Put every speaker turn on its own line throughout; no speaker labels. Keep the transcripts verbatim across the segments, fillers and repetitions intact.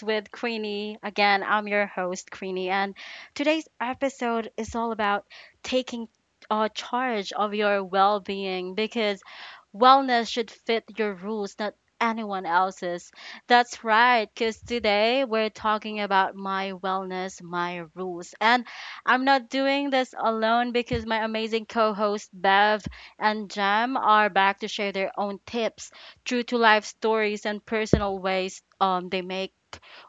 with Queenie. Again, I'm your host, Queenie, and today's episode is all about taking uh, charge of your well being because wellness should fit your rules, not anyone else's. That's right, because today we're talking about my wellness, my rules. And I'm not doing this alone because my amazing co host Bev and Jam are back to share their own tips, true to life stories, and personal ways um, they make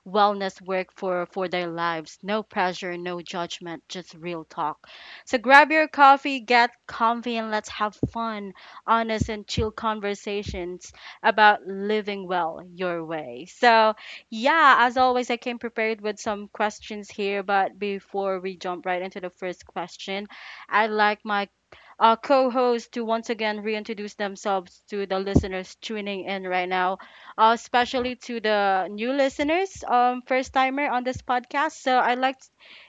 wellness work for for their lives. No pressure, no judgment, just real talk. So grab your coffee, get comfy, and let's have fun, honest, and chill conversations about living well your way. So, yeah, as always, I came prepared with some questions here. But before we jump right into the first question, I'd like my uh, co host to once again reintroduce themselves to the listeners tuning in right now, uh, especially to the new listeners, um, first timer on this podcast. So, I'd like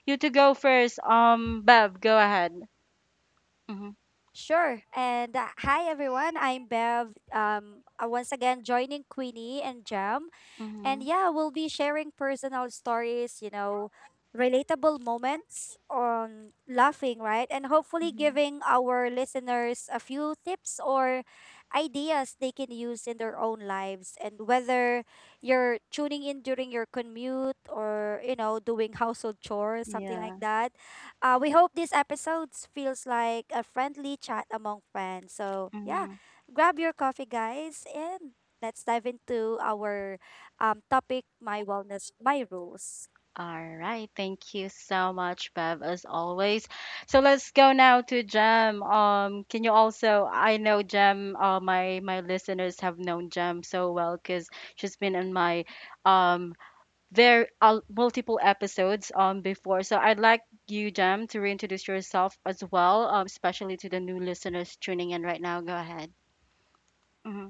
you to go first. Um, Bev, go ahead. Mm-hmm.
Sure. And uh, hi everyone, I'm Bev. Um, uh, once again joining Queenie and Jam.
Mm-hmm.
And yeah, we'll be sharing personal stories, you know, relatable moments on laughing, right? And hopefully
Mm-hmm.
giving our listeners a few tips or ideas they can use in their own lives. And whether you're tuning in during your commute or, you know, doing household chores, something like
Yeah.
that, uh, we hope this episode feels like a friendly chat among friends. So yeah,
Mm-hmm.
grab your coffee, guys, and let's dive into our um topic. My wellness, my rules,
All right. Thank you so much, Bev, as always. So let's go now to Jem. Um, can you also, I know Jem, uh, my my listeners have known Jem so well because she's been in my um very uh, multiple episodes um before. So I'd like you, Jem, to reintroduce yourself as well, um, especially to the new listeners tuning in right now. Go ahead. Mm-hmm.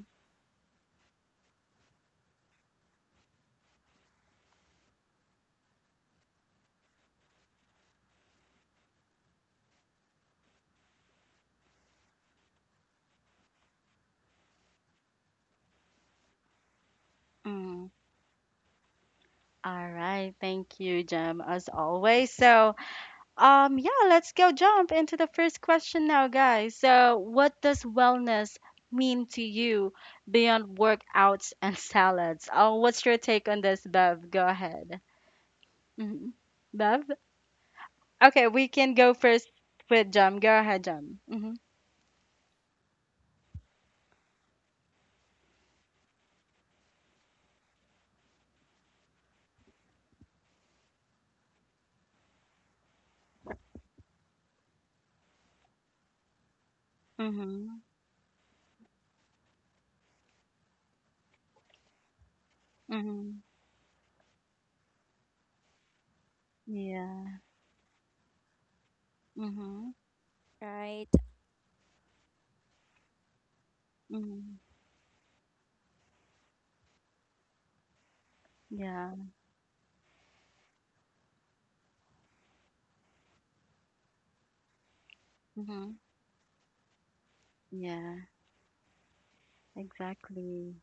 All right. Thank you, Jem, as always. So Um, yeah, let's go jump into the first question now, guys. So, what does wellness mean to you beyond workouts and salads? Oh, what's your take on this, Bev? Go ahead. hmm Bev? Okay, we can go first with Jam. Go ahead, Jam. Mm-hmm. Mm-hmm. Mm-hmm. Yeah. Mm-hmm.
right?
Mm-hmm. Yeah. Mm-hmm. Yeah. Exactly.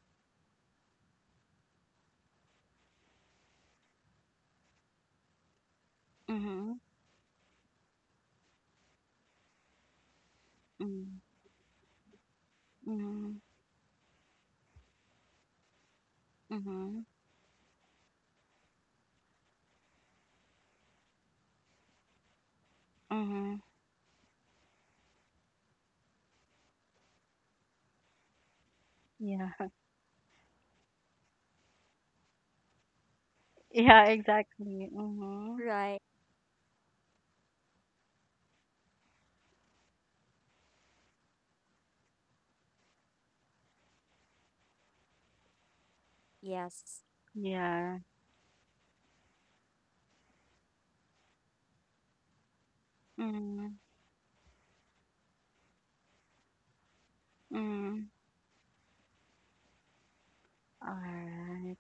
Mm-hmm. Mm-hmm. Mm-hmm. Mm-hmm. Yeah. Yeah, exactly. Mm-hmm.
Right. Yes.
Yeah. Mm-hmm. Mm-hmm. All right.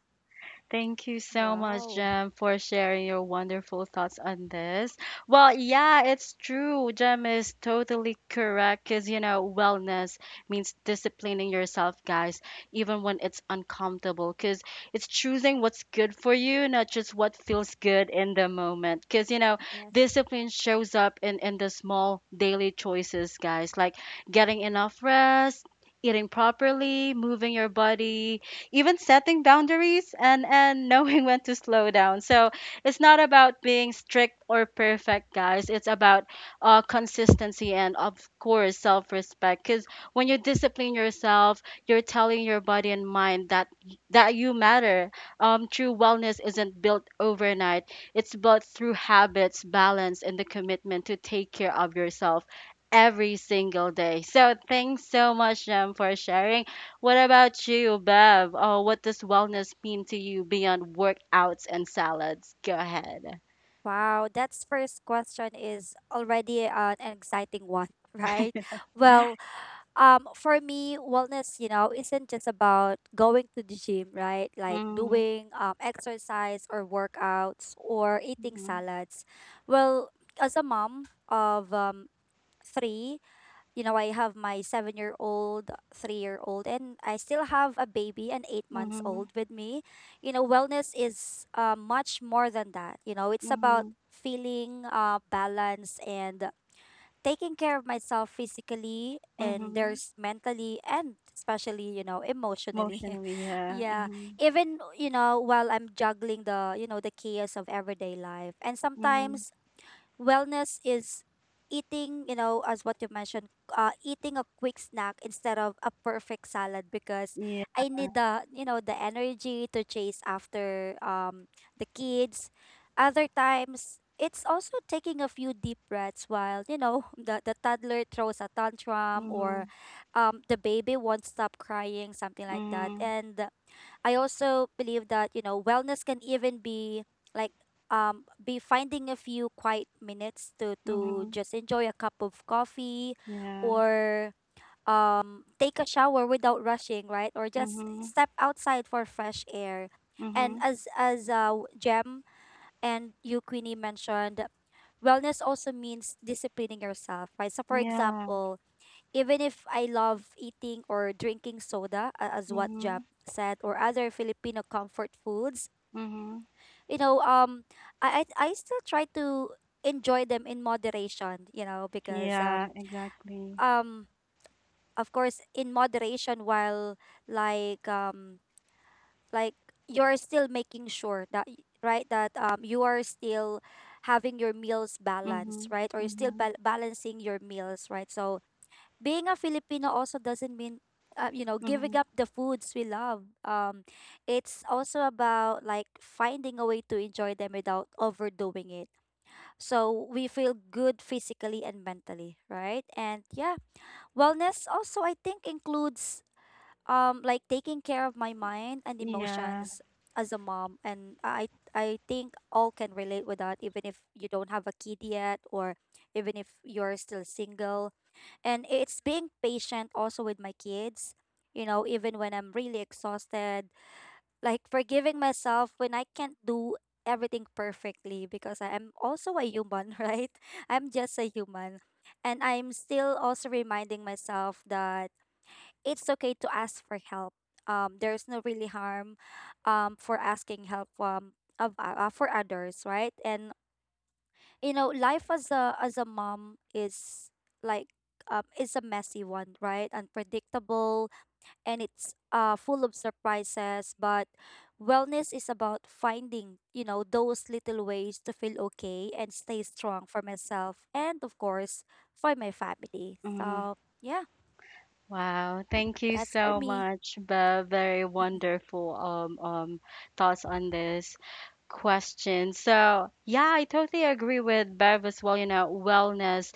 Thank you so much,
Wow.
Jem, for sharing your wonderful thoughts on this. Well, yeah, it's true. Jem is totally correct because, you know, wellness means disciplining yourself, guys, even when it's uncomfortable, because it's choosing what's good for you, not just what feels good in the moment. Because, you know,
Yes.
discipline shows up in, in the small daily choices, guys, like getting enough rest, eating properly, moving your body, even setting boundaries, and and knowing when to slow down. So it's not about being strict or perfect, guys. It's about uh, consistency and of course self-respect. Because when you discipline yourself, you're telling your body and mind that that you matter. Um, true wellness isn't built overnight. It's built through habits, balance, and the commitment to take care of yourself every single day. So thanks so much, Jem, for sharing. What about you, Bev? Oh, what does wellness mean to you beyond workouts and salads? Go ahead.
Wow. That's first question is already an exciting one. Right. Well, um for me, wellness, you know isn't just about going to the gym, right? Like
Mm-hmm.
doing um exercise or workouts or eating salads. Well, as a mom of um three, you know, I have my seven year old, three year old, and I still have a baby, an eight months
Mm-hmm.
old with me. You know, wellness is uh, much more than that. You know, it's
Mm-hmm.
about
Mm-hmm.
feeling uh, balance and taking care of myself physically and
Mm-hmm.
there's mentally and especially you know emotionally.
Emotionally, yeah.
Yeah,
Mm-hmm.
even you know while I'm juggling the you know the chaos of everyday life. And
Mm-hmm.
sometimes wellness is eating, you know, as what you mentioned, uh, eating a quick snack instead of a perfect salad because
Yeah.
I need the, you know, the energy to chase after um the kids. Other times, it's also taking a few deep breaths while, you know, the, the toddler throws a tantrum
Mm-hmm.
or um the baby won't stop crying, something like that.
Mm-hmm.
And I also believe that you know wellness can even be like um be finding a few quiet minutes to to
Mm-hmm.
just enjoy a cup of coffee
Yeah.
or um take a shower without rushing, right? Or just
Mm-hmm.
step outside for fresh air.
Mm-hmm.
And as as uh Jem and you Queenie mentioned, wellness also means disciplining yourself, right? So for
Yeah.
example, even if I love eating or drinking soda, a- as what Jam
Mm-hmm.
said, or other Filipino comfort foods,
Mm-hmm.
you know, um, I I, I still try to enjoy them in moderation, you know, because
Yeah,
um
exactly.
um of course, in moderation, while like um like you're still making sure that y- right that um you are still having your meals
Mm-hmm.
balanced, right? Or you're still
Mm-hmm.
bal- balancing your meals, right? So being a Filipino also doesn't mean uh, you know giving
Mm-hmm.
up the foods we love. Um, it's also about like finding a way to enjoy them without overdoing it. So we feel good physically and mentally, right? And yeah, wellness also I think includes um like taking care of my mind and
Yeah.
emotions as a mom. And I I think all can relate with that, even if you don't have a kid yet or even if you're still single. And it's being patient also with my kids, you know even when I'm really exhausted, like forgiving myself when I can't do everything perfectly because I am also a human. Right, I'm just a human. And I'm still also reminding myself that it's okay to ask for help. Um there's no really harm um for asking help from of uh, uh, for others, right? And you know life as a as a mom is like um is a messy one, right? Unpredictable. And it's uh full of surprises. But wellness is about finding you know those little ways to feel okay and stay strong for myself, and of course for my family.
Mm-hmm.
So yeah,
Wow, thank you
that's for
so
me.
much, Bev. Very wonderful um um thoughts on this question. So yeah, I totally agree with Bev as well. You know, wellness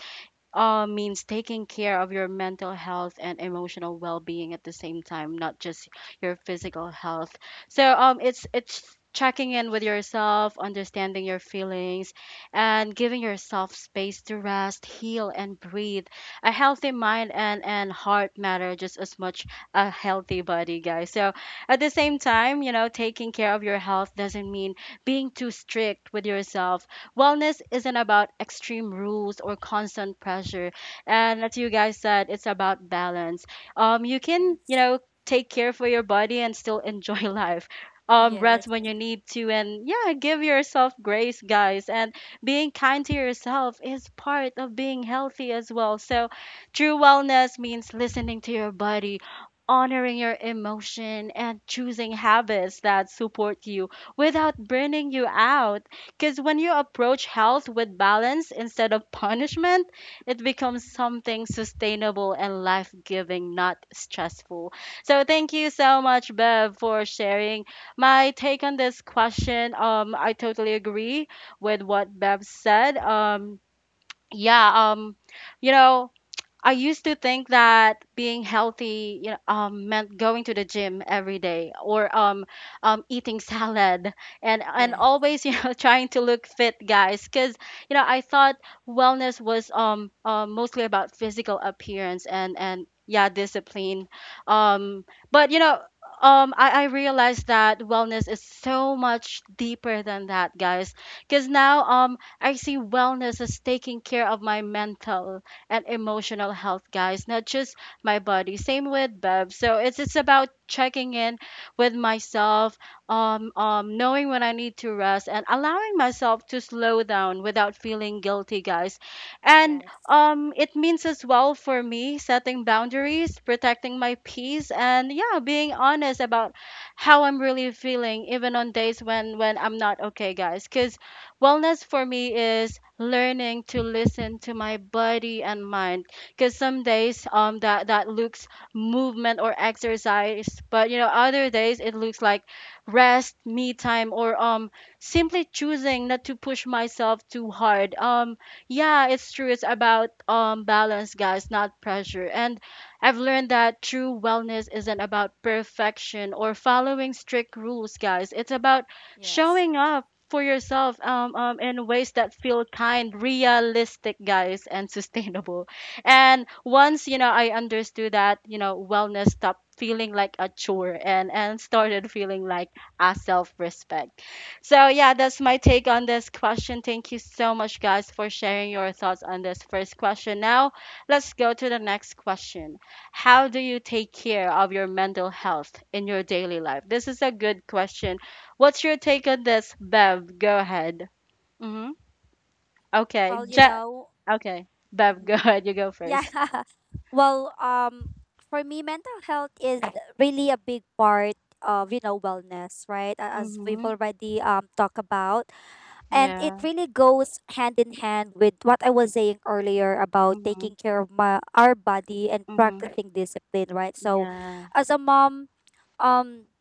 uh, means taking care of your mental health and emotional well-being at the same time, not just your physical health. So um, it's it's checking in with yourself, understanding your feelings, and giving yourself space to rest, heal, and breathe. A healthy mind and and heart matter just as much a healthy body, guys. So at the same time, you know, taking care of your health doesn't mean being too strict with yourself. Wellness isn't about extreme rules or constant pressure. And as you guys said, it's about balance. Um, you can, you
Yes,
know, take care for your body and still enjoy life. Um,
yes,
rest when you need to, and yeah, give yourself grace, guys. And being kind to yourself is part of being healthy as well. So, true wellness means listening to your body, honoring your emotion, and choosing habits that support you without burning you out. Because when you approach health with balance instead of punishment, it becomes something sustainable and life giving, not stressful. So, thank you so much, Bev, for sharing. My take on this question, um, I totally agree with what Bev said. Um, yeah, um, you know, I used to think that being healthy, you know, um, meant going to the gym every day or um, um, eating salad and and
yes,
always, you know, trying to look fit, guys. Because you know, I thought wellness was um, um mostly about physical appearance and and yeah, discipline. Um, but you know. Um, I, I realized that wellness is so much deeper than that, guys. Because now um, I see wellness as taking care of my mental, and emotional health, guys, not just my body. Same with Bev. So it's it's about checking in with myself, um, um, knowing when I need to rest and allowing myself to slow down without feeling guilty, guys. And
yes,
um, it means as well for me setting boundaries, protecting my peace, and yeah, being honest about how I'm really feeling, even on days when when I'm not okay, guys. Because wellness for me is learning to listen to my body and mind because some days um that that looks movement or exercise, but you know other days it looks like rest, me time or um simply choosing not to push myself too hard. Um yeah, it's true, it's about um balance guys, not pressure. And I've learned that true wellness isn't about perfection or following strict rules, guys. It's about
yes.
showing up for yourself um, um, in ways that feel kind, realistic, guys, and sustainable. And once, you know, I understood that, you know, wellness stopped feeling like a chore, and, and started feeling like a self-respect. So yeah, that's my take on this question. Thank you so much, guys, for sharing your thoughts on this first question. Now, let's go to the next question. How do you take care of your mental health in your daily life? This is a good question. What's your take on this, Bev? Go ahead. Mm-hmm. Okay.
Well, you
Ja-
know.
okay. Bev, go ahead. You go
Yeah.
first.
Well, um, for me, mental health is really a big part of, you know, wellness, right? A- As we've
Mm-hmm.
already um talked about. And
Yeah.
it really goes hand in hand with what I was saying earlier about taking
Mm-hmm.
care of my our body and
Mm-hmm.
practicing discipline, right? So
Yeah.
as a mom, um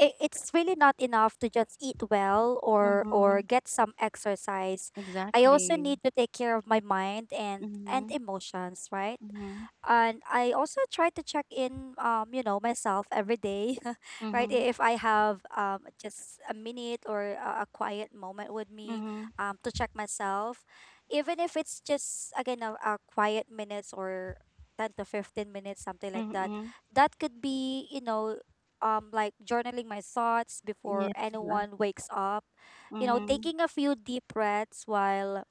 i- it's really not enough to just eat well or or
Mm-hmm.
get some exercise. I also
Exactly.
need to take care of my mind and and
Mm-hmm.
emotions, right?
Mm-hmm.
And I also try to check in, um, you know, myself every day. Right?
Mm-hmm.
I- If I have um, just a minute or a, a quiet moment with me,
Mm-hmm.
um, to check myself, even if it's just, again, a, a quiet minutes or ten to fifteen minutes, something like that,
Mm-hmm.
that could be, you know, um, like journaling my thoughts before
Yeah.
anyone wakes up, you know,
Mm-hmm.
taking a few deep breaths while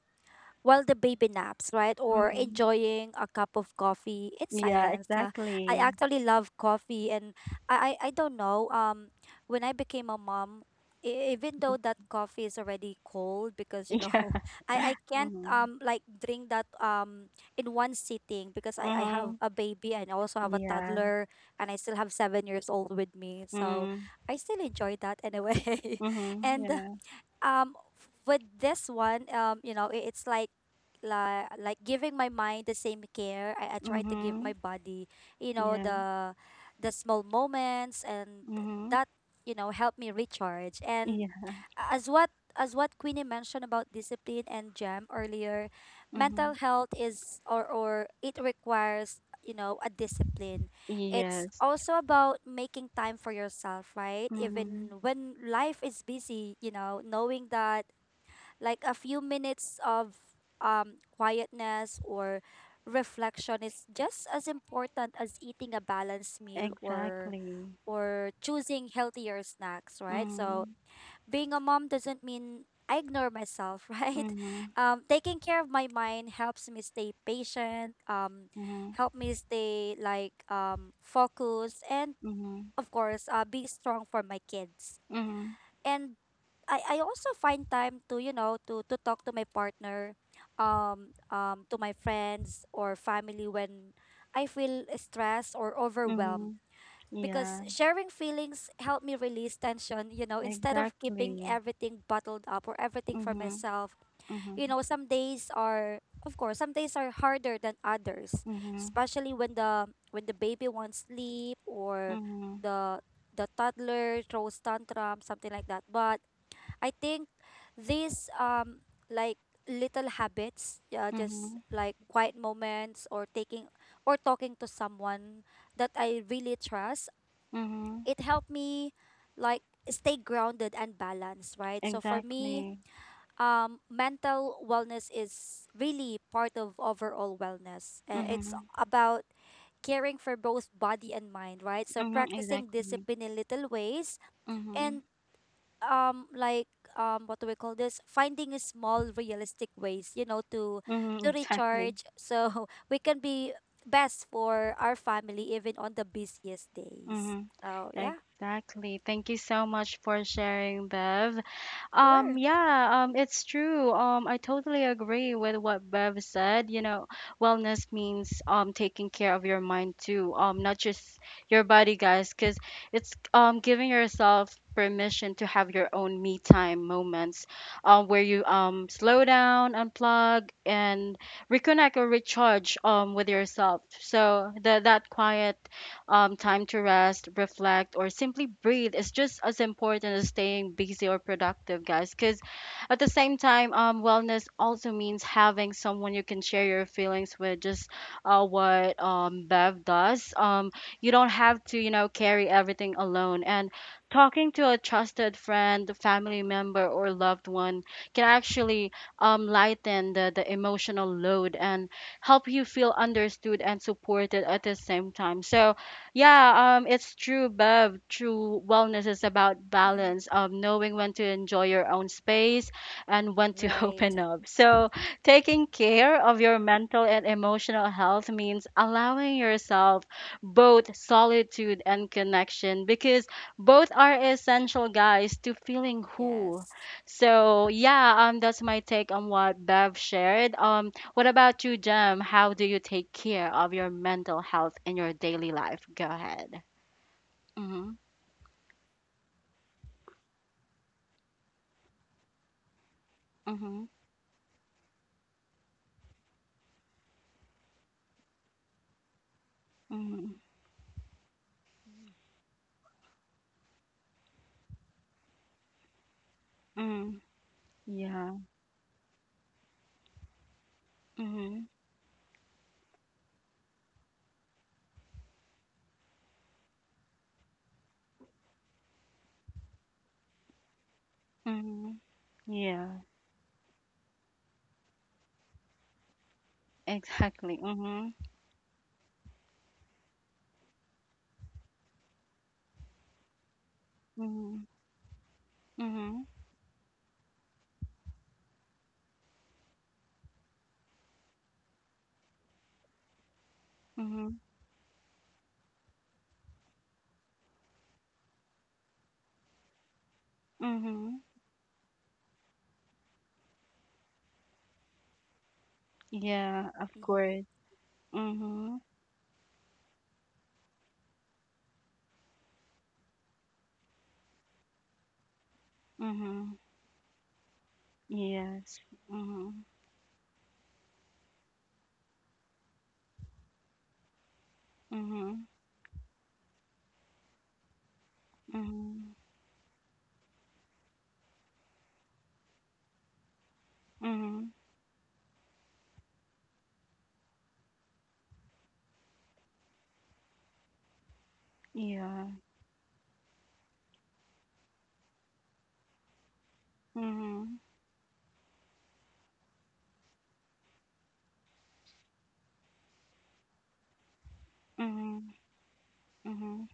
while the baby naps, right? Or
Mm-hmm.
enjoying a cup of coffee in
Yeah,
silence. Uh, I
exactly.
actually love coffee and I, I, I don't know, um, when I became a mom, e- even though that coffee is already cold because you know
Yeah.
I, I can't
Mm-hmm.
um like drink that um in one sitting because I, I have
Mm-hmm.
a baby and I also have a
Yeah.
toddler and I still have seven years old with me, so
Mm-hmm.
I still enjoy that anyway.
Mm-hmm.
And
Yeah.
um f- with this one, um you know i- it's like like like giving my mind the same care I, I try to give my
Mm-hmm.
body, you know
Yeah.
the the small moments, and
Mm-hmm.
that you know help me recharge. And
Yeah.
as what as what Queenie mentioned about discipline and Jam earlier,
Mm-hmm.
mental health is or or it requires you know a discipline. It's
Yes.
also about making time for yourself, right?
Mhm.
Even when life is busy, you know, knowing that like a few minutes of um quietness or reflection is just as important as eating a balanced meal or
Exactly.
or choosing healthier snacks, right? So
Mhm.
being a mom doesn't mean I ignore myself. Right?
Mhm.
Um, taking care of my mind helps me stay patient, um,
Mhm.
help me stay like um, focused, and
Mhm.
of course, uh, be strong for my kids.
Mhm.
And I, I also find time to you know to to talk to my partner, um, um, to my friends or family when I feel stressed or overwhelmed
Mhm.
because
Yeah.
sharing feelings help me release tension, you know instead of keeping
Exactly.
everything bottled up or everything for
Mhm.
myself.
Mhm.
you know some days are of course some days are harder than others,
Mhm.
especially when the when the baby wants sleep or
Mhm.
the the toddler throws tantrum, something like that. But I think these um like little habits, yeah, just
Mhm.
like quiet moments or taking or talking to someone that I really trust,
Mhm.
it helped me like stay grounded and balanced, right? So for me,
Exactly.
um, mental wellness is really part of overall wellness. Uh, it's
Mhm.
about caring for both body and mind, right? So
Mhm.
practicing
Exactly.
discipline in little ways
Mhm.
and um like um what do we call this, finding a small realistic ways you know to
Mhm.
to
Exactly.
recharge. So we can be best for our family even on the busiest days.
Mhm.
So yeah,
Exactly. Thank you so much for sharing, Bev. Um,
sure.
yeah, um, it's true. Um, I totally agree with what Bev said. You know, wellness means um taking care of your mind too, um, not just your body, guys, because it's um giving yourself permission to have your own me time moments, um, where you um slow down, unplug, and reconnect or recharge um with yourself. So the that quiet um, time to rest, reflect, or simply breathe is just as important as staying busy or productive, guys. Because at the same time, um, wellness also means having someone you can share your feelings with, just uh, what um, Bev does. Um, you don't have to, you know, carry everything alone. And talking to a trusted friend, family member, or loved one can actually um, lighten the, the emotional load and help you feel understood and supported at the same time. So, yeah, um, it's true, Bev. True wellness is about
Mhm.
balance, um, knowing when to enjoy your own space and when to
Right.
open up. So, taking care of your mental and emotional health means allowing yourself both solitude and connection because both are essential, guys, to feeling whole.
Yes.
So, yeah, um, that's my take on what Bev shared. Um, what about you, Jem? How do you take care of your mental health in your daily life? Go ahead. Mhm. Mhm. Mhm. Mhm. Yeah. Mhm. Mhm. Yeah. Exactly. Mhm. Mhm. Mhm. Mhm. Mhm. Yeah. Of
Mm-hmm.
course. Mhm. Mhm. Yes. Mhm. Mhm. Mhm. Mhm. Yeah. Mhm. Mhm. Mhm.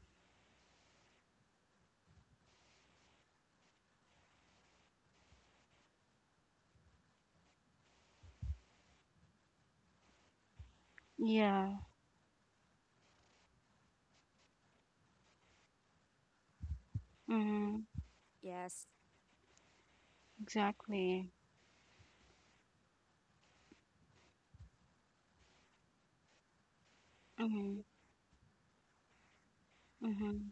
Yeah. Mhm.
Yes.
Exactly. Mhm. Mhm.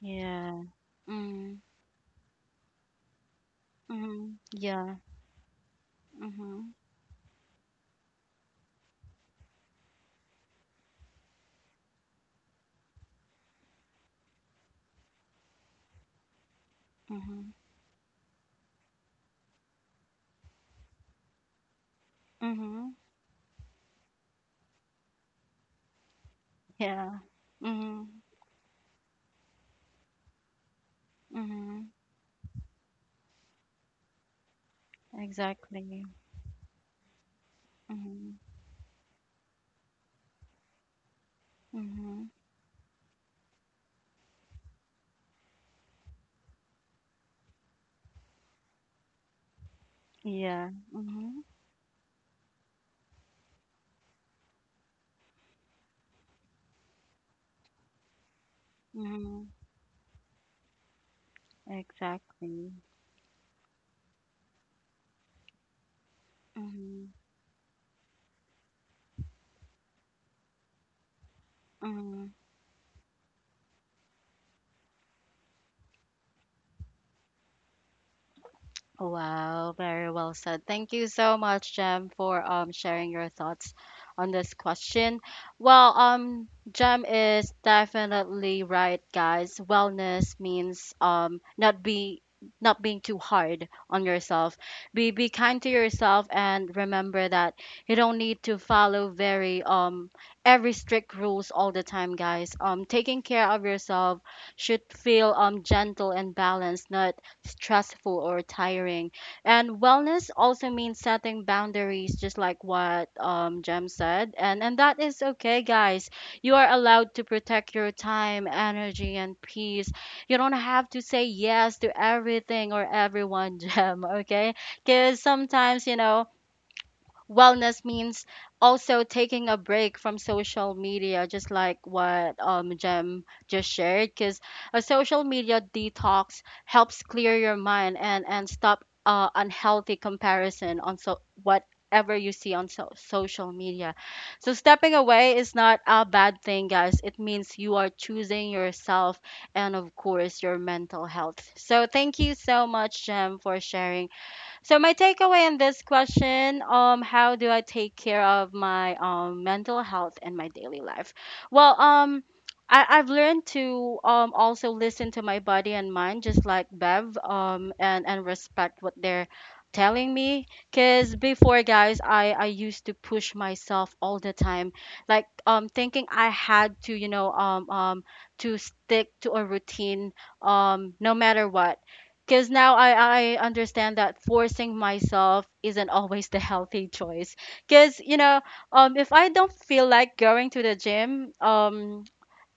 Yeah. Mm. Mhm. Yeah. Mhm. Mhm. Mhm. Yeah. Mhm. Mhm. Exactly. Mhm. Mhm. Yeah. Mhm. Mhm. Exactly. Mhm. Mhm. Wow, very well said. Thank you so much, Jem, for um sharing your thoughts on this question. Well, um, Jem is definitely right, guys. Wellness means um not be not being too hard on yourself. Be be kind to yourself and remember that you don't need to follow very um every strict rules all the time, guys. Um, taking care of yourself should feel um gentle and balanced, not stressful or tiring. And wellness also means setting boundaries, just like what um, Jem said. And, and that is okay, guys. You are allowed to protect your time, energy, and peace. You don't have to say yes to everything or everyone, Jem, okay? Because sometimes, you know, wellness means also taking a break from social media, just like what um, Jem just shared, because a social media detox helps clear your mind and, and stop uh, unhealthy comparison on so whatever you see on so- social media. So stepping away is not a bad thing, guys. It means you are choosing yourself and, of course, your mental health. So thank you so much, Jem, for sharing. So my takeaway in this question, um, how do I take care of my um mental health in my daily life? Well, um, I, I've learned to um also listen to my body and mind, just like Bev, um, and and respect what they're telling me. Cause before, guys, I I used to push myself all the time, like um thinking I had to, you know, um um to stick to a routine, um, no matter what, because now I, I understand that forcing myself isn't always the healthy choice. Because, you know, um, if I don't feel like going to the gym, um,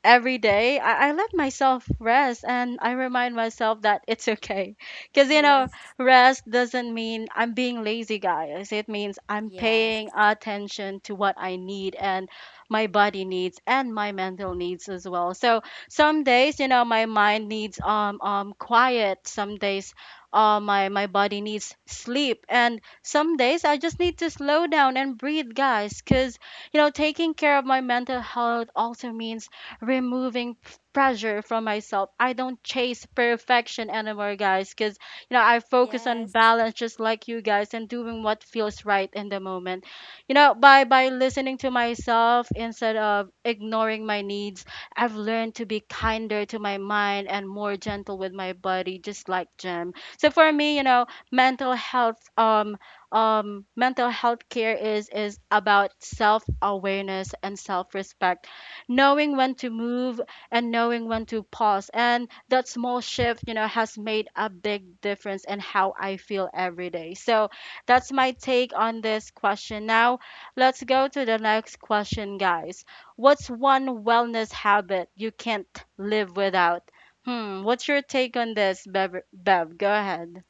every day, I, I let myself rest, and I remind myself that it's okay, because you know
Yes.
rest doesn't mean I'm being lazy, guys. It means I'm
Yes.
paying attention to what I need and my body needs and my mental needs as well. So some days, you know my mind needs um um quiet, some days, uh, my my body needs sleep, and some days I just need to slow down and breathe, guys, because you know taking care of my mental health also means removing p- pressure from myself. I don't chase perfection anymore, guys, because you know I focus on
Yes.
balance, just like you guys, and doing what feels right in the moment. You know, by by listening to myself instead of ignoring my needs, I've learned to be kinder to my mind and more gentle with my body, just like Jim. So for me, you know, mental health um um mental health care is is about self awareness and self respect knowing when to move and knowing when to pause. And that small shift, you know, has made a big difference in how I feel every day. So that's my take on this question. Now, let's go to the next question, guys. What's one wellness habit you can't live without? Hmm, what's your take on this, Bev? Bev, go ahead.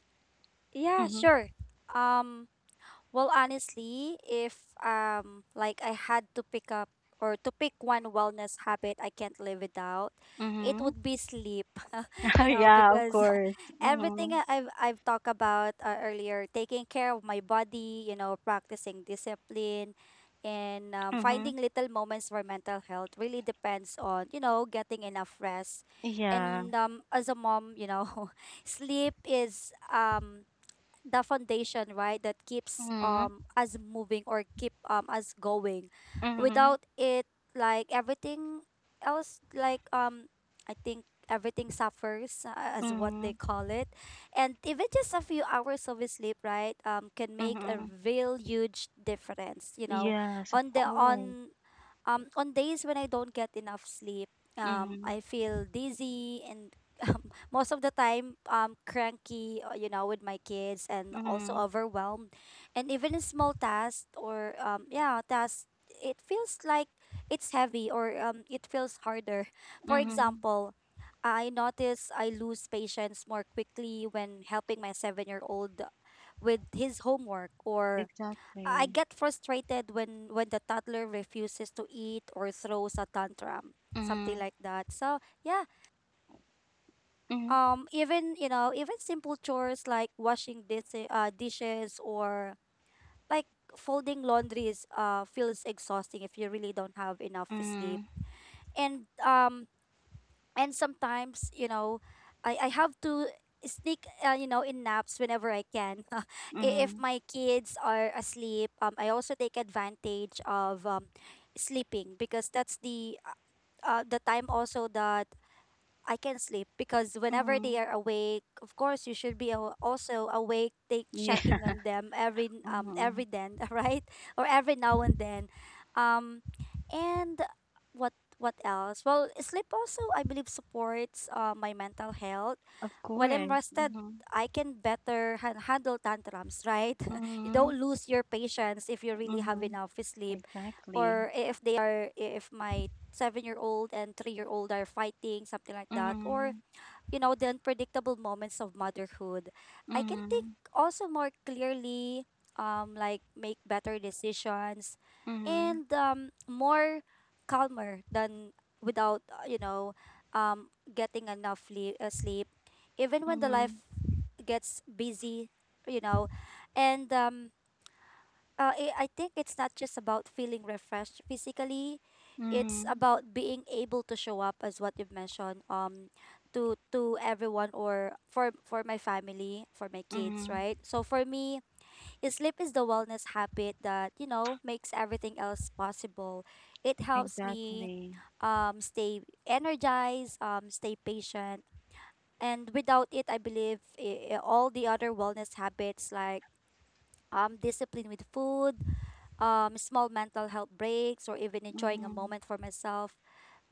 Yeah,
Mm-hmm.
sure. Um, Well, honestly, if um like I had to pick up or to pick one wellness habit I can't live without, it
Mm-hmm.
would be sleep. You know,
yeah, of
because
course.
everything
Mm-hmm.
I- I've I've talked about uh, earlier, taking care of my body, you know, practicing discipline, and um,
Mm-hmm.
finding little moments for mental health really depends on, you know, getting enough rest.
Yeah.
And um, as a mom, you know, sleep is um the foundation, right, that keeps
Mm-hmm.
um us moving or keep um us going.
Mm-hmm.
Without it, like everything else, like um, I think everything suffers uh, as what they call it. And even just a few hours of sleep, right, um, can make a
Mm-hmm.
real huge difference. You know,
Yes, of
on the
course.
on um, on days when I don't get enough sleep, um,
Mhm.
I feel dizzy and um, most of the time um cranky, uh, you know, with my kids and also
Mhm.
overwhelmed. And even a small task or um yeah, task it feels like it's heavy or um it feels harder. For
Mhm.
example, I notice I lose patience more quickly when helping my seven year old with his homework or I
Exactly.
get frustrated when when the toddler refuses to eat or throws a tantrum, something
Mhm.
like that. So yeah,
Mhm.
um, even you know, even simple chores like washing dis- uh, dishes or like folding laundries uh feels exhausting if you really don't have enough sleep.
Mhm.
And um, and sometimes you know i i have to sneak uh, you know in naps whenever I can. I- if
Mhm.
my kids are asleep, um I also take advantage of um sleeping because that's the uh, uh, the time also that I can sleep because whenever they
Mhm.
are awake, of course you should be aw- also awake, take
Yeah.
checking on them every n- um every
Mhm.
then, right? Or every now and then. Um and what what else? Well, sleep also I believe supports uh, my mental health.
Of
When I'm
course.
rested,
Mhm.
I can better han- handle tantrums, right? you don't
Mhm.
lose your patience if you really have
Mhm.
enough sleep,
Exactly.
or if they are, if my seven-year-old and three-year-old are fighting, something like that, or
Mhm.
you know, the unpredictable moments of motherhood, I can think
Mhm.
also more clearly, um, like make better decisions
Mhm.
and um, more calmer than without, uh, you know, um, getting enough le- uh, sleep. Even when the life
Mhm.
gets busy, you know, and um, uh, I I think it's not just about feeling refreshed physically. It's
Mhm.
about being able to show up as what you've mentioned, um to to everyone or for for my family, for my kids,
Mhm.
right? So for me, is sleep is the wellness habit that, you know, makes everything else possible. It helps me
Exactly.
um stay energized, um stay patient. And without it, I believe i- i- all the other wellness habits, like um discipline with food, um, small mental health breaks, or even enjoying a
Mhm.
moment for myself,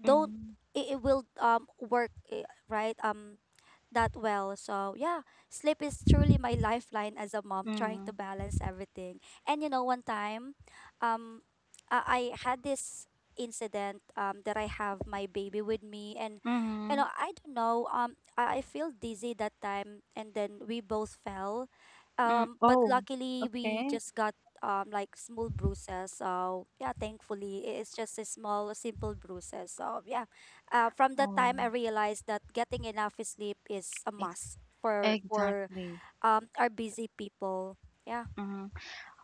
don't,
Mhm.
it, it will um work eh, right? Um, that well. So yeah, sleep is truly my lifeline as a mom trying to
Mhm.
balance everything. And you know, one time, um, I, I had this incident, um that I have my baby with me, and you
Mhm.
know I don't know, um I, I feel dizzy that time, and then we both fell,
Mhm.
um but
Oh.
luckily we
Okay.
just got um like small bruises. So yeah, thankfully i- it's just a small simple bruises. So yeah, uh, from that time
Oh.
I realized that getting enough sleep is a
Ex-
must for for
exactly.
um our busy people. Yeah.
Mhm.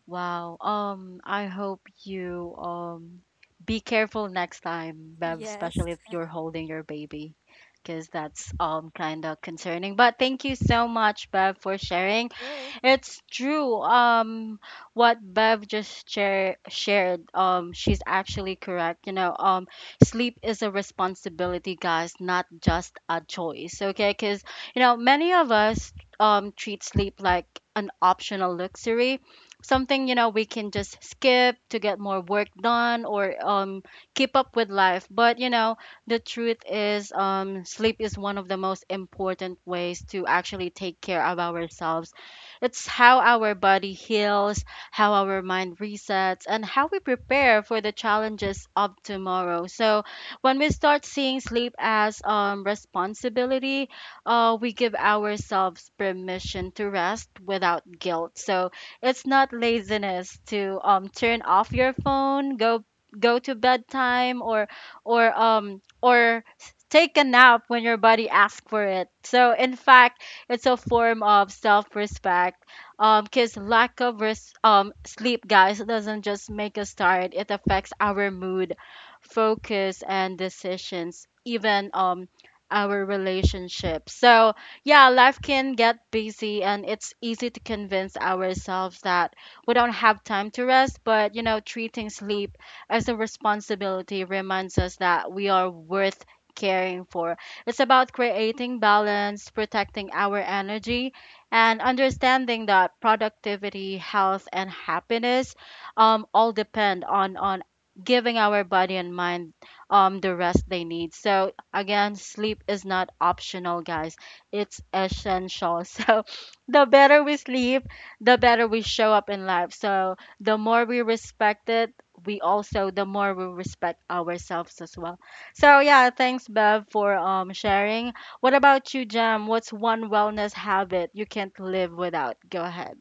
Wow. Um, I hope you um be careful next time, Bev,
Yes.
especially if you're holding your baby, because that's um kind of concerning. But thank you so much, Bev, for sharing.
Sure.
It's true. Um, what Bev just share, shared, um, she's actually correct. You know, um, sleep is a responsibility, guys, not just a choice. Okay, because you know many of us um treat sleep like an optional luxury, something you know we can just skip to get more work done, or um keep up with life. But you know, the truth is, um, sleep is one of the most important ways to actually take care of ourselves. It's how our body heals, how our mind resets, and how we prepare for the challenges of tomorrow. So, when we start seeing sleep as um, responsibility, uh, we give ourselves permission to rest without guilt. So, it's not laziness to um, turn off your phone, go go to bedtime, or or um or take a nap when your body asks for it. So, in fact, it's a form of self-respect. Um, because lack of res- um sleep, guys, doesn't just make us tired. It affects our mood, focus, and decisions. Even um our relationship. So yeah, life can get busy, and it's easy to convince ourselves that we don't have time to rest. But you know, treating sleep as a responsibility reminds us that we are worth caring for. It's about creating balance, protecting our energy, and understanding that productivity, health, and happiness um, all depend on, on giving our body and mind um, the rest they need. So, again, sleep is not optional, guys, it's essential. So, the better we sleep, the better we show up in life. So, the more we respect it, we also the more we respect ourselves as well. So yeah, thanks Bev for um sharing. What about you, Jem? What's one wellness habit you can't live without? Go ahead.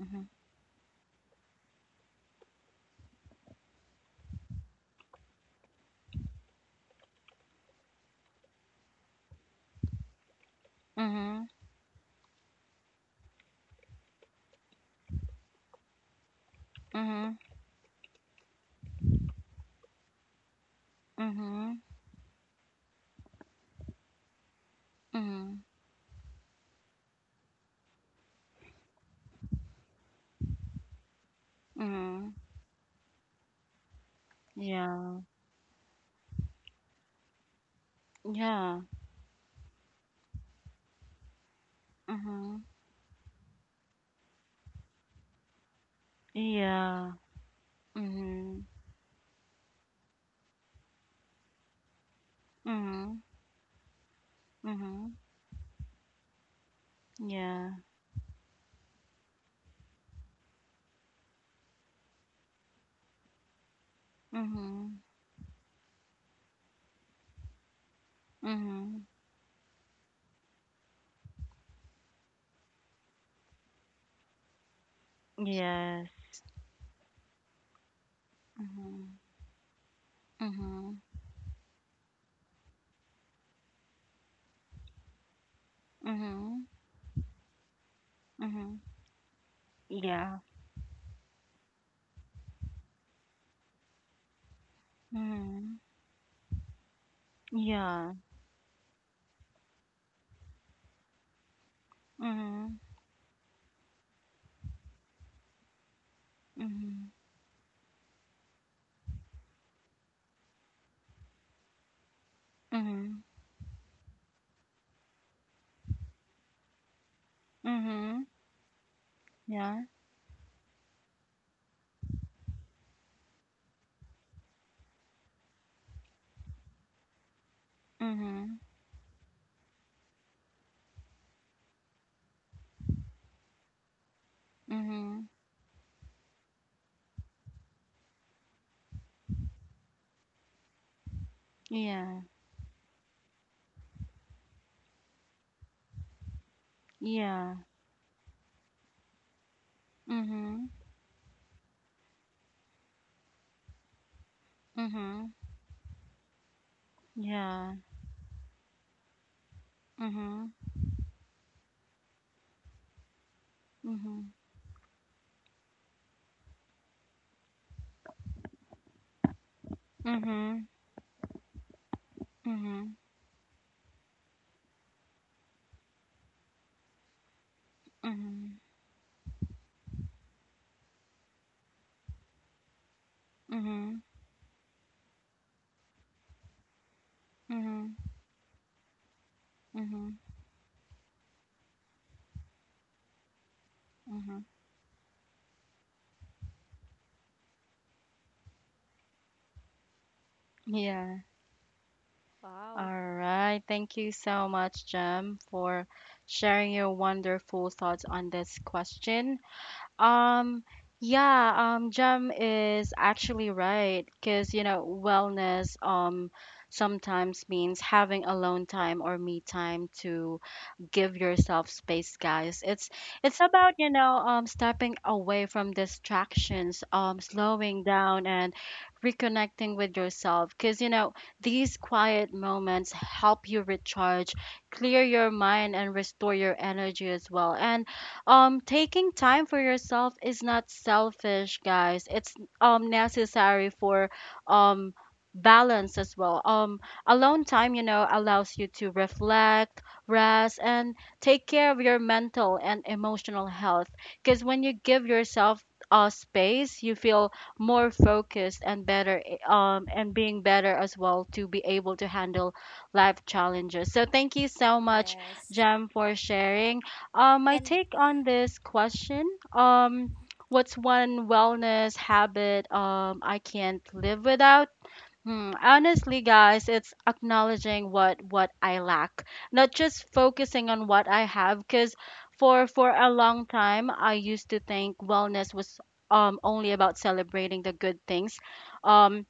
Mhm. Mhm. Mhm. Mhm. Mhm. Mhm. Yeah. Yeah. Mhm. Yeah. Mhm. Mhm. Mhm. Yeah. Mhm. Mhm. Yes. Mhm. Mhm. Mhm. Mhm. Yeah. Mhm. Yeah. Mhm. Mhm. Mhm. Mhm. Yeah. Mhm. Mhm. Yeah. Yeah. Mhm. Mhm. Yeah. Mhm. Mhm. Mhm. Mhm. Mhm. Mhm. Mhm. Mhm. Mhm. Yeah.
Wow.
All right. Thank you so much, Jem, for sharing your wonderful thoughts on this question. Um, yeah, um, Jem is actually right because, you know, wellness um sometimes means having alone time or me time to give yourself space, guys. It's it's about, you know um stepping away from distractions, um slowing down and reconnecting with yourself, because you know these quiet moments help you recharge, clear your mind, and restore your energy as well. And um taking time for yourself is not selfish, guys. It's um necessary for um balance as well. Um alone time, you know allows you to reflect, rest, and take care of your mental and emotional health. Because when you give yourself uh, space, you feel more focused and better, eh, um, and being better as well, to be able to handle life challenges. So thank you so much,
Yes.
Jem, for sharing. Um, my
And
take on this question, um,
mhm.
what's one wellness habit um, I can't live without? Hmm, honestly, guys, it's acknowledging what what I lack, not just focusing on what I have. Because for for a long time, I used to think wellness was um only about celebrating the good things, um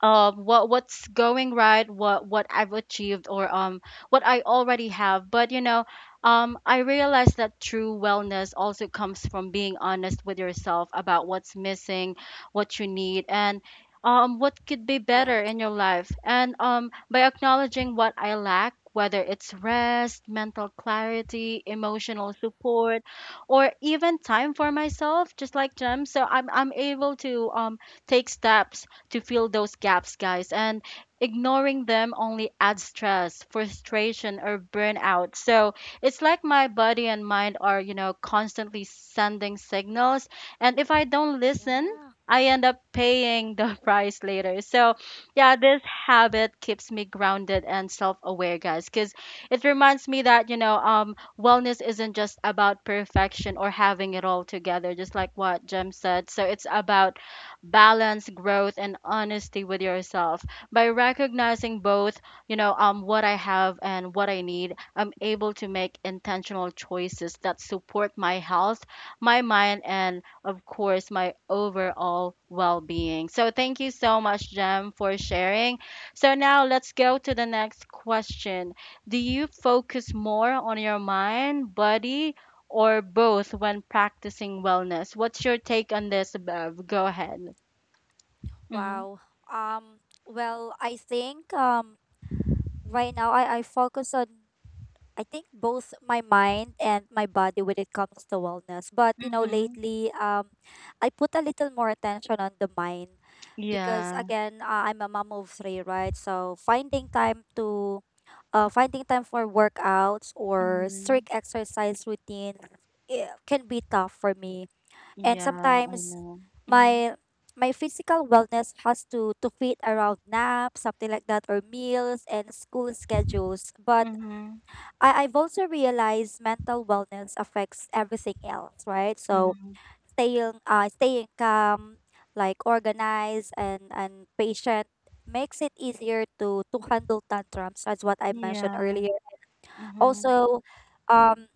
um what what's going right, what what I've achieved, or um what I already have. But you know um I realized that true wellness also comes from being honest with yourself about what's missing, what you need, and um what could be better
Yes.
in your life. And um by acknowledging what I lack, whether it's rest, mental clarity, emotional support, or even time for myself, just like Jem, so i'm i'm able to um take steps to fill those gaps, guys. And ignoring them only adds stress, frustration, or burnout. So it's like my body and mind are, you know, constantly sending signals. And if I don't listen,
Yeah.
I end up paying the price later. So, yeah, this habit keeps me grounded and self-aware, guys, because it reminds me that, you know, um, wellness isn't just about perfection or having it all together, just like what Jem said. So it's about balance, growth, and honesty with yourself. By recognizing both, you know, um, what I have and what I need, I'm able to make intentional choices that support my health, my mind, and of course, my overall well being. So, thank you so much, Jem, for sharing. So, now let's go to the next question. Do you focus more on your mind, body, or both when practicing wellness? What's your take on this, Bev? Go ahead. Mhm,
Wow. Um well, I think um right now I I focus on, I think, both my mind and my body when it comes to wellness. But you know,
mhm.
lately, um, I put a little more attention on the mind, because
Yeah.
again, uh, I'm a mom of three, right? So finding time to, uh, finding time for workouts or
Mhm.
strict exercise routine, it can be tough for me. And
Yeah, I
sometimes,
know. Mhm,
my my physical wellness has to to fit around naps, something like that, or meals and school schedules. But
mhm,
I, I've also realized mental wellness affects everything else, right? So
mhm.
staying uh staying calm, like organized and and patient, makes it easier to to handle tantrums, as what I mentioned
Yeah.
earlier.
Mhm.
Also, um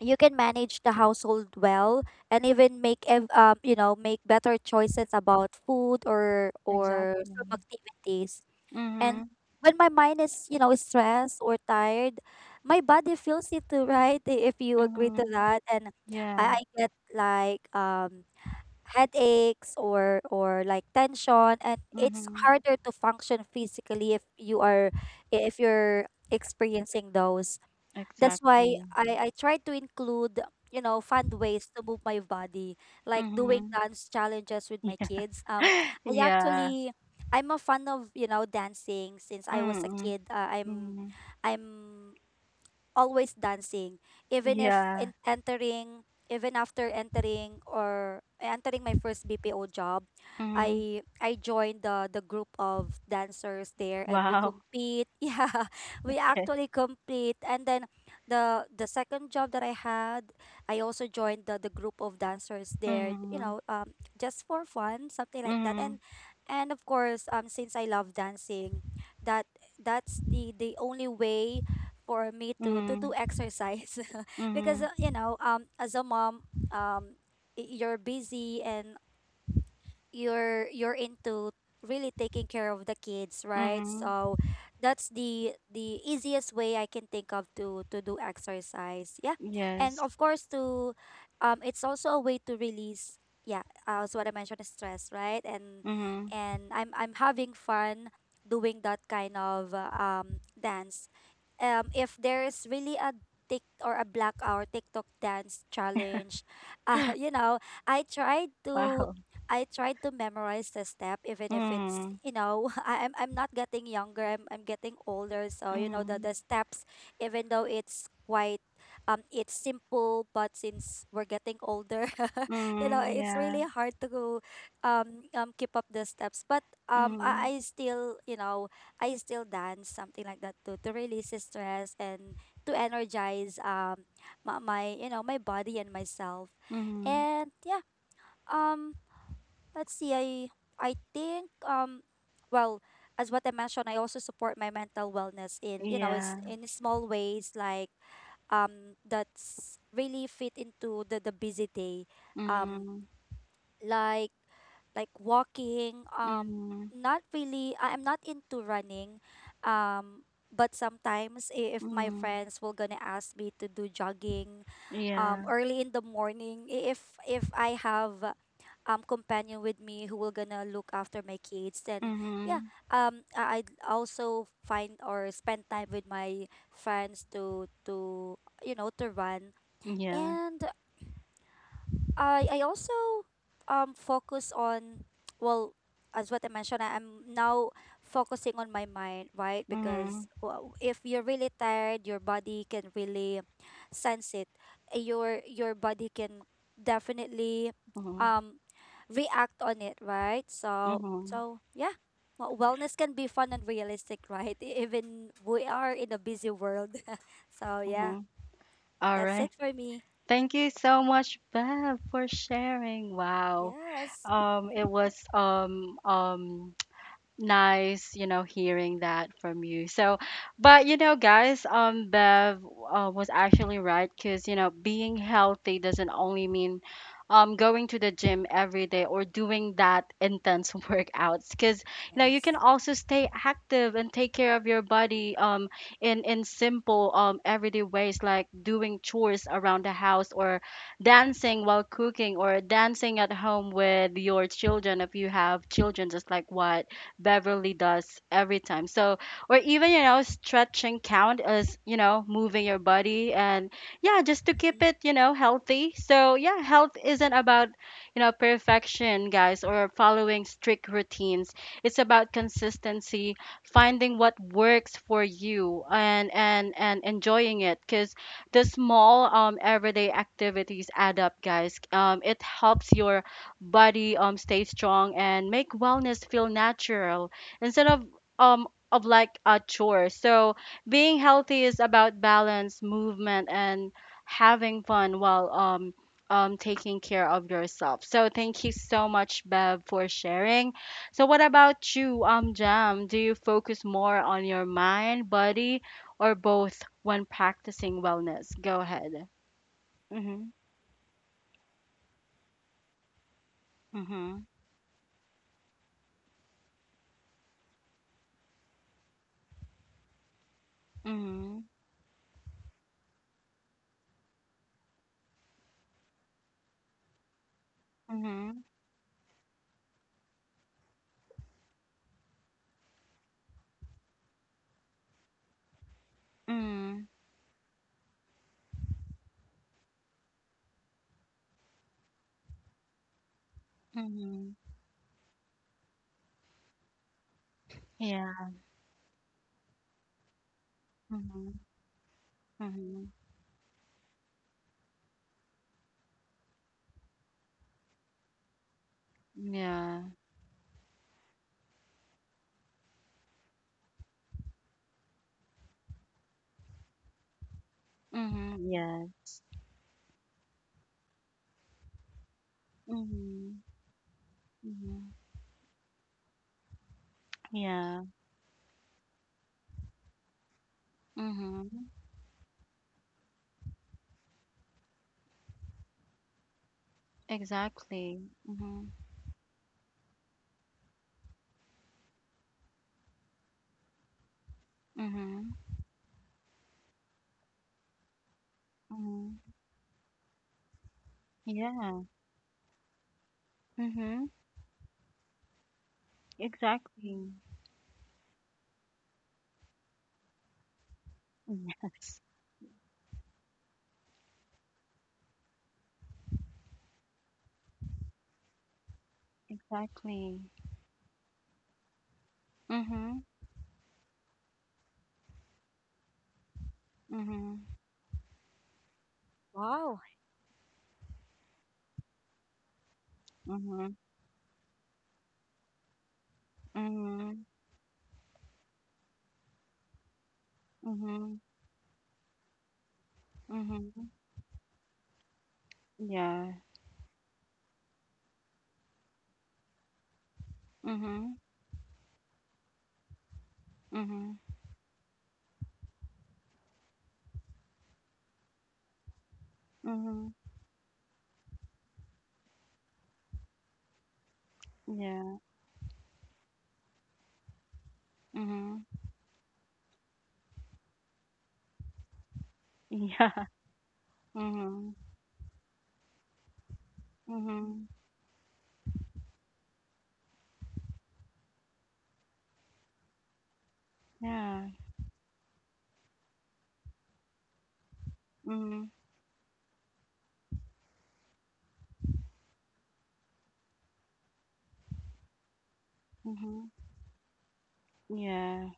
you can manage the household well and even make ev- um you know make better choices about food or or
Exactly.
some activities, and
Mhm,
when my mind is, you know, stressed or tired, my body feels it too, right? I- If you agree to
mhm.
that. And
Yeah.
I, I get like um headaches or or like tension, and it's
Mhm.
harder to function physically if you are if you're experiencing those. That's why
Exactly.
I I try to include, you know, fun ways to move my body, like doing
Mhm.
dance challenges with my
Yeah.
kids. Um, I
Yeah.
actually I'm a fan of, you know, dancing since I was a
Mhm.
kid. Uh, I'm
Mhm.
I'm always dancing, even if
Yeah.
in entering even after entering or entering my first B P O job.
Mhm.
I I joined the the group of dancers there and we
Wow.
compete, yeah, we
Okay.
actually compete. And then the the second job that I had, I also joined the the group of dancers there, you
Mhm.
know um just for fun, something like that. and
Mhm.
and of course, um since I love dancing, that that's the the only way for me to to do
Mhm.
exercise, because
Mhm.
uh, you know um as a mom, um y- you're busy and you're you're into really taking care of the kids, right?
Mhm.
So that's the the easiest way I can think of to to do exercise. Yeah. And
Yes.
of course, to um it's also a way to release, yeah, uh, as what I mentioned, stress, right? And
Mhm.
and I'm I'm having fun doing that kind of uh, um dance. Um if there is really a Tik or a blackout TikTok dance challenge, uh, you know, I tried to
Wow.
I tried to memorize the step, even if it's,
Mhm.
you know I, I'm I'm not getting younger. I'm I'm getting older, so you know the
Mhm.
the steps, even though it's quite um it's simple, but since we're getting older, you know
Mm,
it's
yeah.
really hard to go, um um keep up the steps. But um
Mm,
I, I still you know I still dance, something like that, to to release stress and to energize um my, my you know my body and myself,
mm,
and yeah um. Let's see. I I think um well, as what I mentioned, I also support my mental wellness in, you know, it's
yeah.
in small ways, like um that's really fit into the the busy day. Um
Mm,
like like walking, um
mm,
not really, I- i'm not into running, um but sometimes, i- if my
mm,
friends will gonna ask me to do jogging um
yeah.
early in the morning, i- if if I have um companion with me who will gonna look after my kids, and yeah
Mm,
um I- I'd also find or spend time with my friends to to you know to run.
yeah.
And I I also um focus on, well, as what I mentioned, I am now focusing on my mind, right? Because
Mm,
well, if you're really tired, your body can really sense it. Uh, your your body can definitely
mm,
um react on it, right? so
mm,
so yeah, well, wellness can be fun and realistic, right? E- even we are in a busy world. So yeah,
mm. All
that's it
right.
for me.
Thank you so much, Bev, for sharing. Wow.
Yes.
Um, it was um um nice, you know hearing that from you. So, but you know guys, um Bev uh, was actually right, because you know being healthy doesn't only mean um going to the gym every day or doing that intense workouts, because you know you can
Yes.
also stay active and take care of your body um in in simple um everyday ways, like doing chores around the house, or dancing while cooking, or dancing at home with your children, if you have children, just like what Beverly does every time. So, or even, you know, stretching count as, you know, moving your body, and yeah, just to
Mm-hmm.
keep it, you know, healthy. So, yeah, health isn't about, you know, perfection, guys, or following strict routines. It's about consistency, finding what works for you, and and and enjoying it, because the small um everyday activities add up, guys. Um, it helps your body um stay strong and make wellness feel natural, instead of um of like a chore. So being healthy is about balance, movement, and having fun, while um um taking care of yourself. So, thank you so much, Bev, for sharing. So what about you, um Jam? Do you focus more on your mind, body, or both when practicing wellness? Go ahead. Mm-hmm. Mm-hmm. Mm-hmm. Mm-hmm. Mhm. Yeah. Mhm. Mhm. Yeah. Mhm. Yes. Mhm. Mhm. Yeah. Mhm. Exactly. Mhm. Mhm. Mhm. Yeah. Mhm. Exactly. Yes. Exactly. Mhm. Mhm.
Wow.
Mhm. Mhm. Mhm. Mhm. Yeah. Mhm. Mhm. Mhm. Yeah. Mhm. Yeah. Mhm. Mhm. Yeah. Mhm. Mhm. Yeah.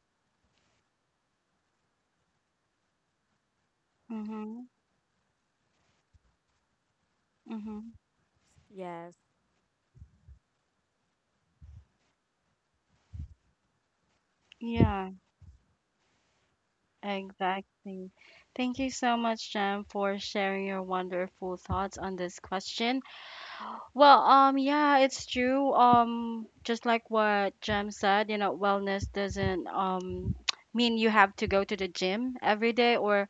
Mm-hmm. Mm-hmm.
Yes.
Yeah, exactly. Thank you so much, Jem, for sharing your wonderful thoughts on this question. Well, um, yeah, it's true. Um, just like what Jem said, you know, wellness doesn't um mean you have to go to the gym every day or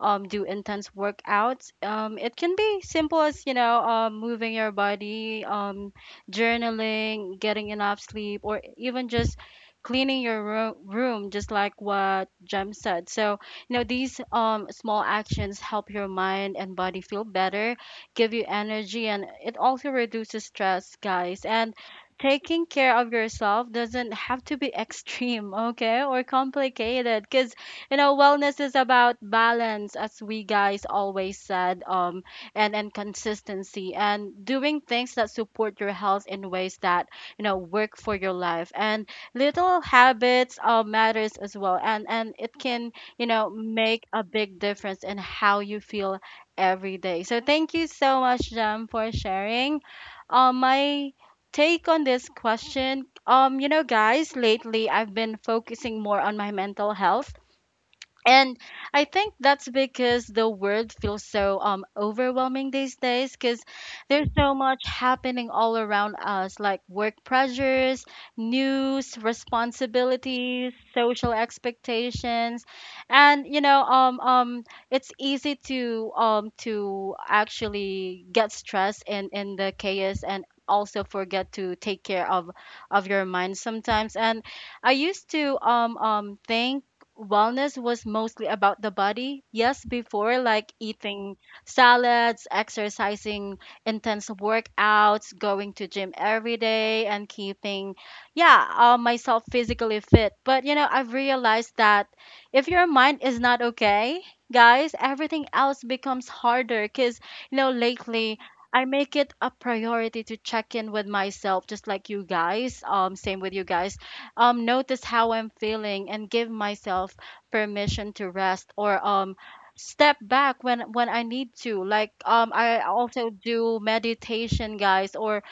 um do intense workouts. Um, it can be simple as you know, um, moving your body, um, journaling, getting enough sleep, or even just cleaning your ro room, just like what Jem said. So, you know, these um small actions help your mind and body feel better, give you energy, and it also reduces stress, guys. And taking care of yourself doesn't have to be extreme, okay, or complicated, because you know wellness is about balance, as we guys always said, um and and consistency, and doing things that support your health in ways that you know work for your life. And little habits uh, matters as well, and and it can you know make a big difference in how you feel every day. So thank you so much, Jam, for sharing. Um, my take on this question: um, you know, guys, lately I've been focusing more on my mental health, and I think that's because the world feels so um overwhelming these days, because there's so much happening all around us, like work pressures, news, responsibilities, social expectations, and you know um um it's easy to um to actually get stressed in in the chaos, and also forget to take care of of your mind sometimes. And I used to um um think wellness was mostly about the body. Yes, before, like eating salads, exercising, intense workouts, going to gym every day and keeping yeah, uh, myself physically fit. But you know, I've realized that if your mind is not okay, guys, everything else becomes harder, cuz you know, lately I make it a priority to check in with myself, just like you guys. Um, same with you guys, um, notice how I'm feeling, and give myself permission to rest or um, step back when when I need to. Like, um, I also do meditation, guys, or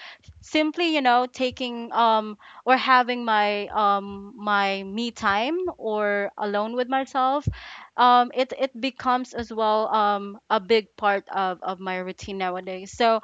simply you know taking um or having my um my me time or alone with myself. Um, it it becomes as well um a big part of of my routine nowadays. So,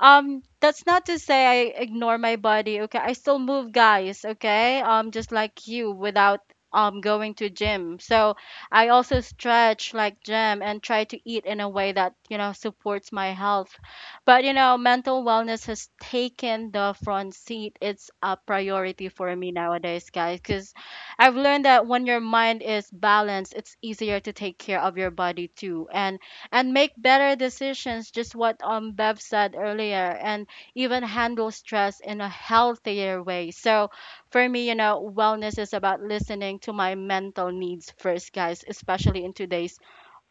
um that's not to say I ignore my body. Okay, I still move, guys. Okay, um just like you, without um going to gym. So I also stretch like gym and try to eat in a way that you know supports my health. But you know mental wellness has taken the front seat. It's a priority for me nowadays, guys, because I've learned that when your mind is balanced, it's easier to take care of your body too, and and make better decisions, just what um Bev said earlier, and even handle stress in a healthier way. So for me, you know wellness is about listening to my mental needs first, guys, especially in today's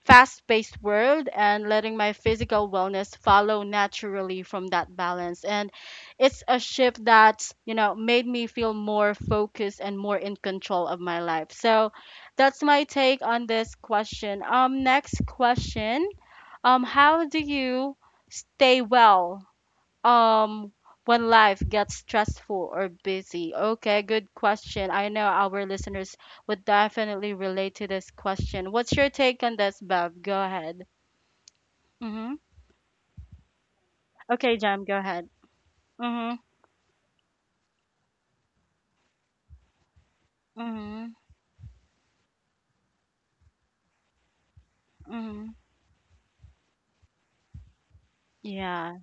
fast-paced world, and letting my physical wellness follow naturally from that balance. And it's a shift that you know made me feel more focused and more in control of my life. So that's my take on this question. Um next question: um, how do you stay well um when life gets stressful or busy? Okay, good question. I know our listeners would definitely relate to this question. What's your take on this, Bev? Go ahead. Mm-hmm. Okay, Jam, go ahead. Mm-hmm. Mm-hmm. Mm-hmm. Yeah.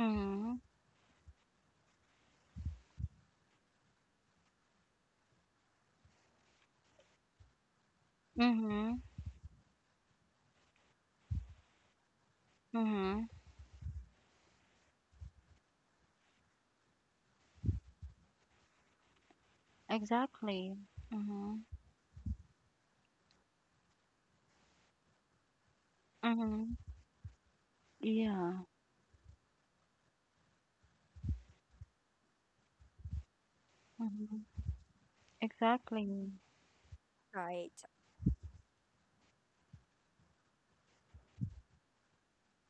Mm-hmm. Mm-hmm. Mm-hmm. Exactly. Mm-hmm. Mm-hmm. Yeah. Mm-hmm. Exactly.
Right.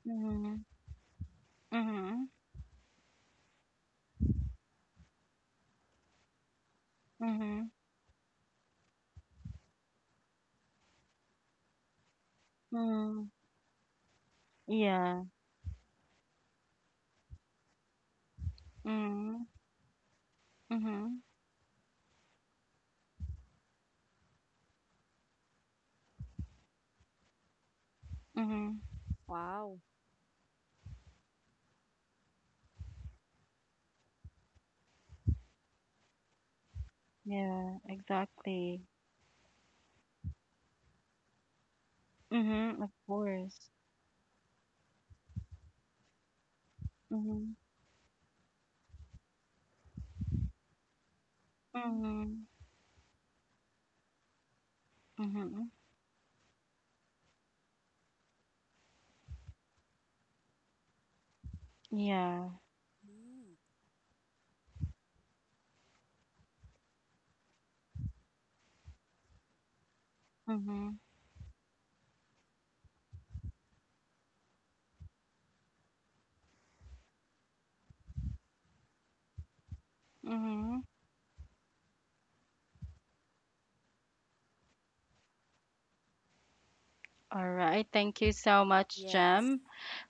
Mm-hmm. Mm-hmm. Mm-hmm. Mm-hmm. Yeah. Mm. Mhm. Mhm.
Wow.
Yeah, exactly. Mhm, of course. Mhm. Mhm. Mhm. Yeah.
Mm.
Mhm. Mhm. All right. Thank you so much,
Yes.
Jem,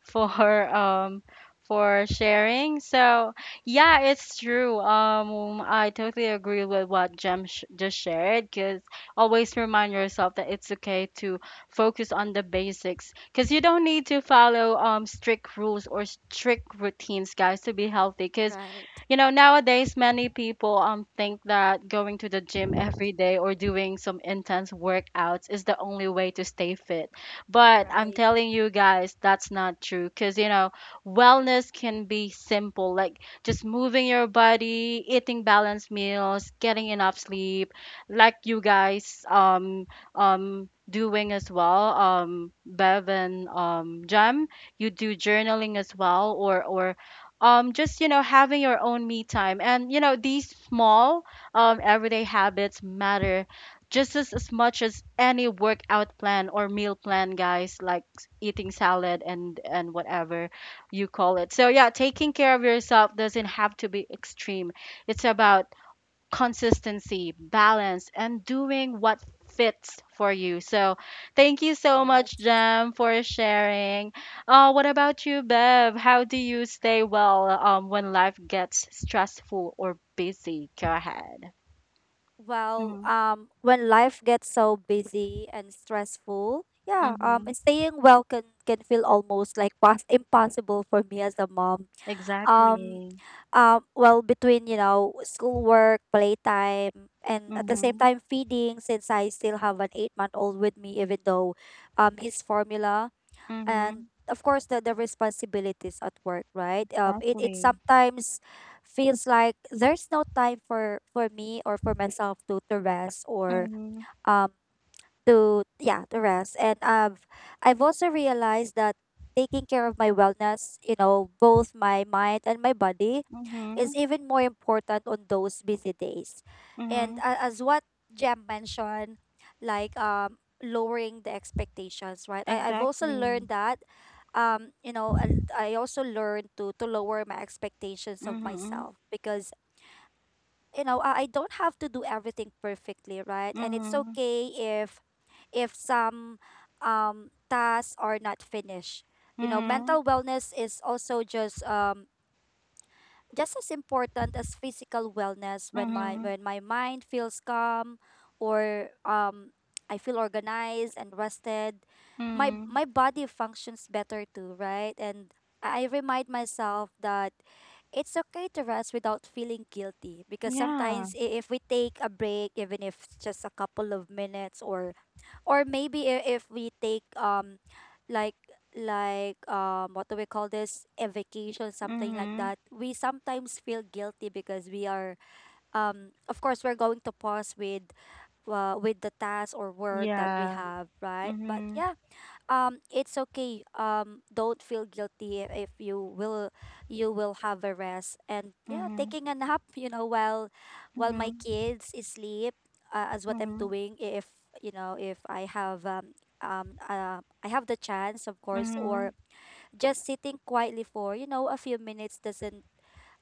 for um for sharing. So, yeah, it's true. Um, I totally agree with what Jem sh just shared, because always remind yourself that it's okay to focus on the basics, because you don't need to follow um strict rules or strict routines, guys, to be healthy. Because
Right.
you know, nowadays many people um think that going to the gym every day or doing some intense workouts is the only way to stay fit. But I'm
Right.
telling you guys, that's not true, because you know, wellness can be simple, like just moving your body, eating balanced meals, getting enough sleep, like you guys, um um doing as well, um Bev, and um Jam, you do journaling as well, or or um just you know having your own me time. And you know these small um everyday habits matter just as, as much as any workout plan or meal plan, guys, like s- eating salad and and whatever you call it. So, yeah, taking care of yourself doesn't have to be extreme. It's about consistency, balance, and doing what fits for you. So, thank you so much,
Yes.
Jem, for sharing. Uh, what about you, Bev? How do you stay well um, when life gets stressful or busy? Go ahead.
Well,
Mm-hmm.
um, when life gets so busy and stressful, yeah, um,
Mm-hmm.
and staying well can can feel almost like pos- impossible for me as a mom. Um,
Exactly.
um, well, between you know schoolwork, playtime, and at the same
Mm-hmm.
time feeding, since I still have an eight month old with me, even though, um, his formula. And
Mm-hmm.
of course the, the responsibilities at work, right? um it, it
Exactly.
sometimes feels like there's no time for for me or for myself to to rest, or
Mm-hmm.
um to yeah, to rest. And i've i've also realized that taking care of my wellness, you know both my mind and my body,
Mm-hmm.
is even more important on those busy days. And
Mm-hmm.
a- as what Jem mentioned, like um, lowering the expectations, right? I, I've also
Exactly.
learned that, um, you know, I, I also learned to, to lower my expectations of
Mm-hmm.
myself because, you know, I, I don't have to do everything perfectly, right? And it's
Mm-hmm.
okay if if some um, tasks are not finished. You know,
Mm-hmm.
mental wellness is also just, um, just as important as physical wellness. When my
Mm-hmm.
when my mind feels calm or um I feel organized and rested, my
Mm-hmm.
my body functions better too, right? And I remind myself that it's okay to rest without feeling guilty, because
Yeah.
sometimes i- if we take a break, even if it's just a couple of minutes, or or maybe i- if we take um like like um what do we call this, a vacation, something like
Mhm.
that, we sometimes feel guilty, because we are um of course we're going to pause with uh, with the task or work that we
Yeah.
have, right? But
Mhm.
yeah, um it's okay, um don't feel guilty i- if you will you will have a rest. And yeah,
Mhm.
taking a nap you know while while my
Mhm.
kids is sleep, uh, as what I'm
Mhm.
doing, if you know if I have, um um uh, I have the chance, of course,
Mhm.
or just sitting quietly for, you know a few minutes, doesn't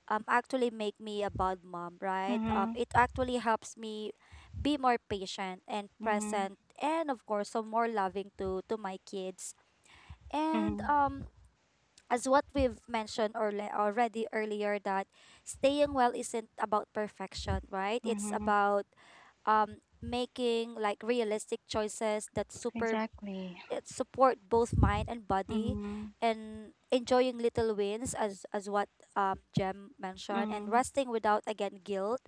um actually make me a bad mom, right? Um
Mhm.
it actually helps me be more patient and
Mhm.
present, and of course so more loving to to my kids. And
Mhm.
um, as what we've mentioned or already earlier, that staying well isn't about perfection, right? It's
Mhm.
about um making like realistic choices that super
Exactly.
it support both mind and body,
Mhm.
and enjoying little wins, as as what um Jem mentioned, and
Mhm.
resting without, again, guilt.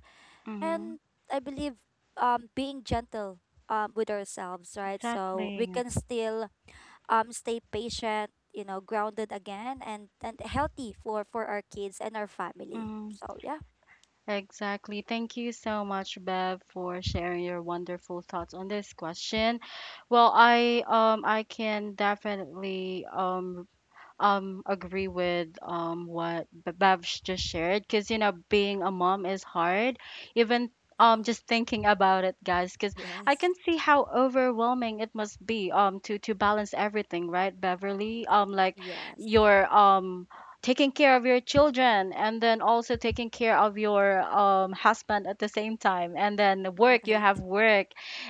Mhm.
And I believe um being gentle um with ourselves, right? So we
Exactly.
can still um stay patient, you know, grounded, again, and and healthy for for our kids and our family.
Mhm.
So yeah.
Exactly. Thank you so much, Bev, for sharing your wonderful thoughts on this question. Well, I um I can definitely um um agree with um what B- Babs just shared, because you know being a mom is hard, even um
Mm-mm.
just thinking about it, guys, because I
Yes.
can see how overwhelming it must be, um to to balance everything, right, Beverly? Um like
Yes.
your um taking care of your children, and then also taking care of your um husband at the same time, and then work, you
Right.
have work,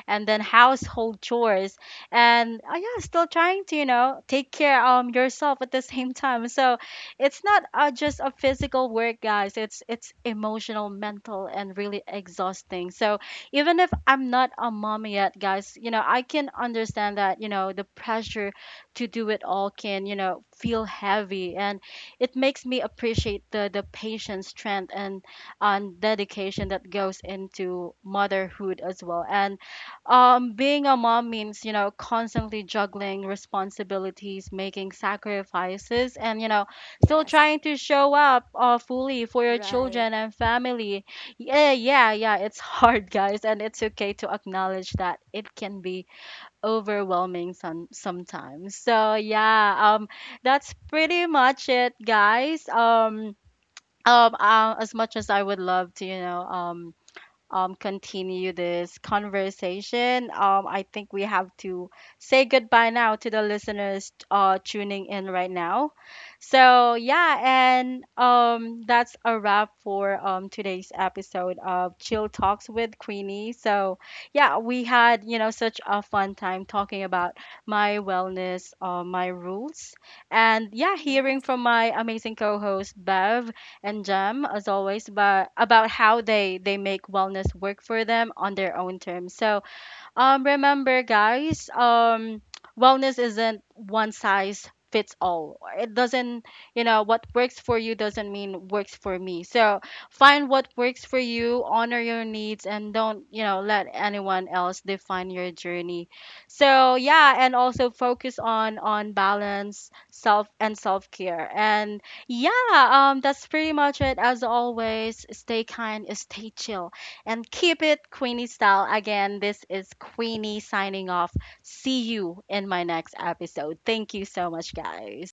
and then household chores, and uh, yeah, still trying to you know take care um yourself at the same time. So it's not uh, just a physical work, guys, it's it's emotional, mental, and really exhausting. So even if I'm not a mom yet, guys, you know I can understand that you know the pressure to do it all can you know feel heavy, and it makes me appreciate the the patience, strength, and and dedication that goes into motherhood as well. And um, being a mom means you know, constantly juggling responsibilities, making sacrifices, and you know, still
Yes.
trying to show up uh, fully for your
Right.
children and family. Yeah, yeah, yeah, it's hard, guys, and it's okay to acknowledge that it can be overwhelming some sometimes. So, yeah, um, that's pretty much it, guys. Um, um, uh, as much as I would love to, you know, um, um, continue this conversation, Um, I think we have to say goodbye now to the listeners uh, tuning in right now. So, yeah, and um, that's a wrap for um, today's episode of Chill Talks with Queenie. So, yeah, we had, you know, such a fun time talking about my wellness, uh, my rules, and, yeah, hearing
Yes.
from my amazing co host, Bev and Jem, as always, but about how they they make wellness work for them on their own terms. So, um, remember, guys, um, wellness isn't one size fits all. It doesn't, you know, what works for you doesn't mean works for me. So find what works for you, honor your needs, and don't, you know, let anyone else define your journey. So, yeah, and also focus on on balance, self and self care. And, yeah, um, that's pretty much it. As always, stay kind, stay chill, and keep it Queenie style. Again, this is Queenie signing off. See you in my next episode. Thank you so much, guys.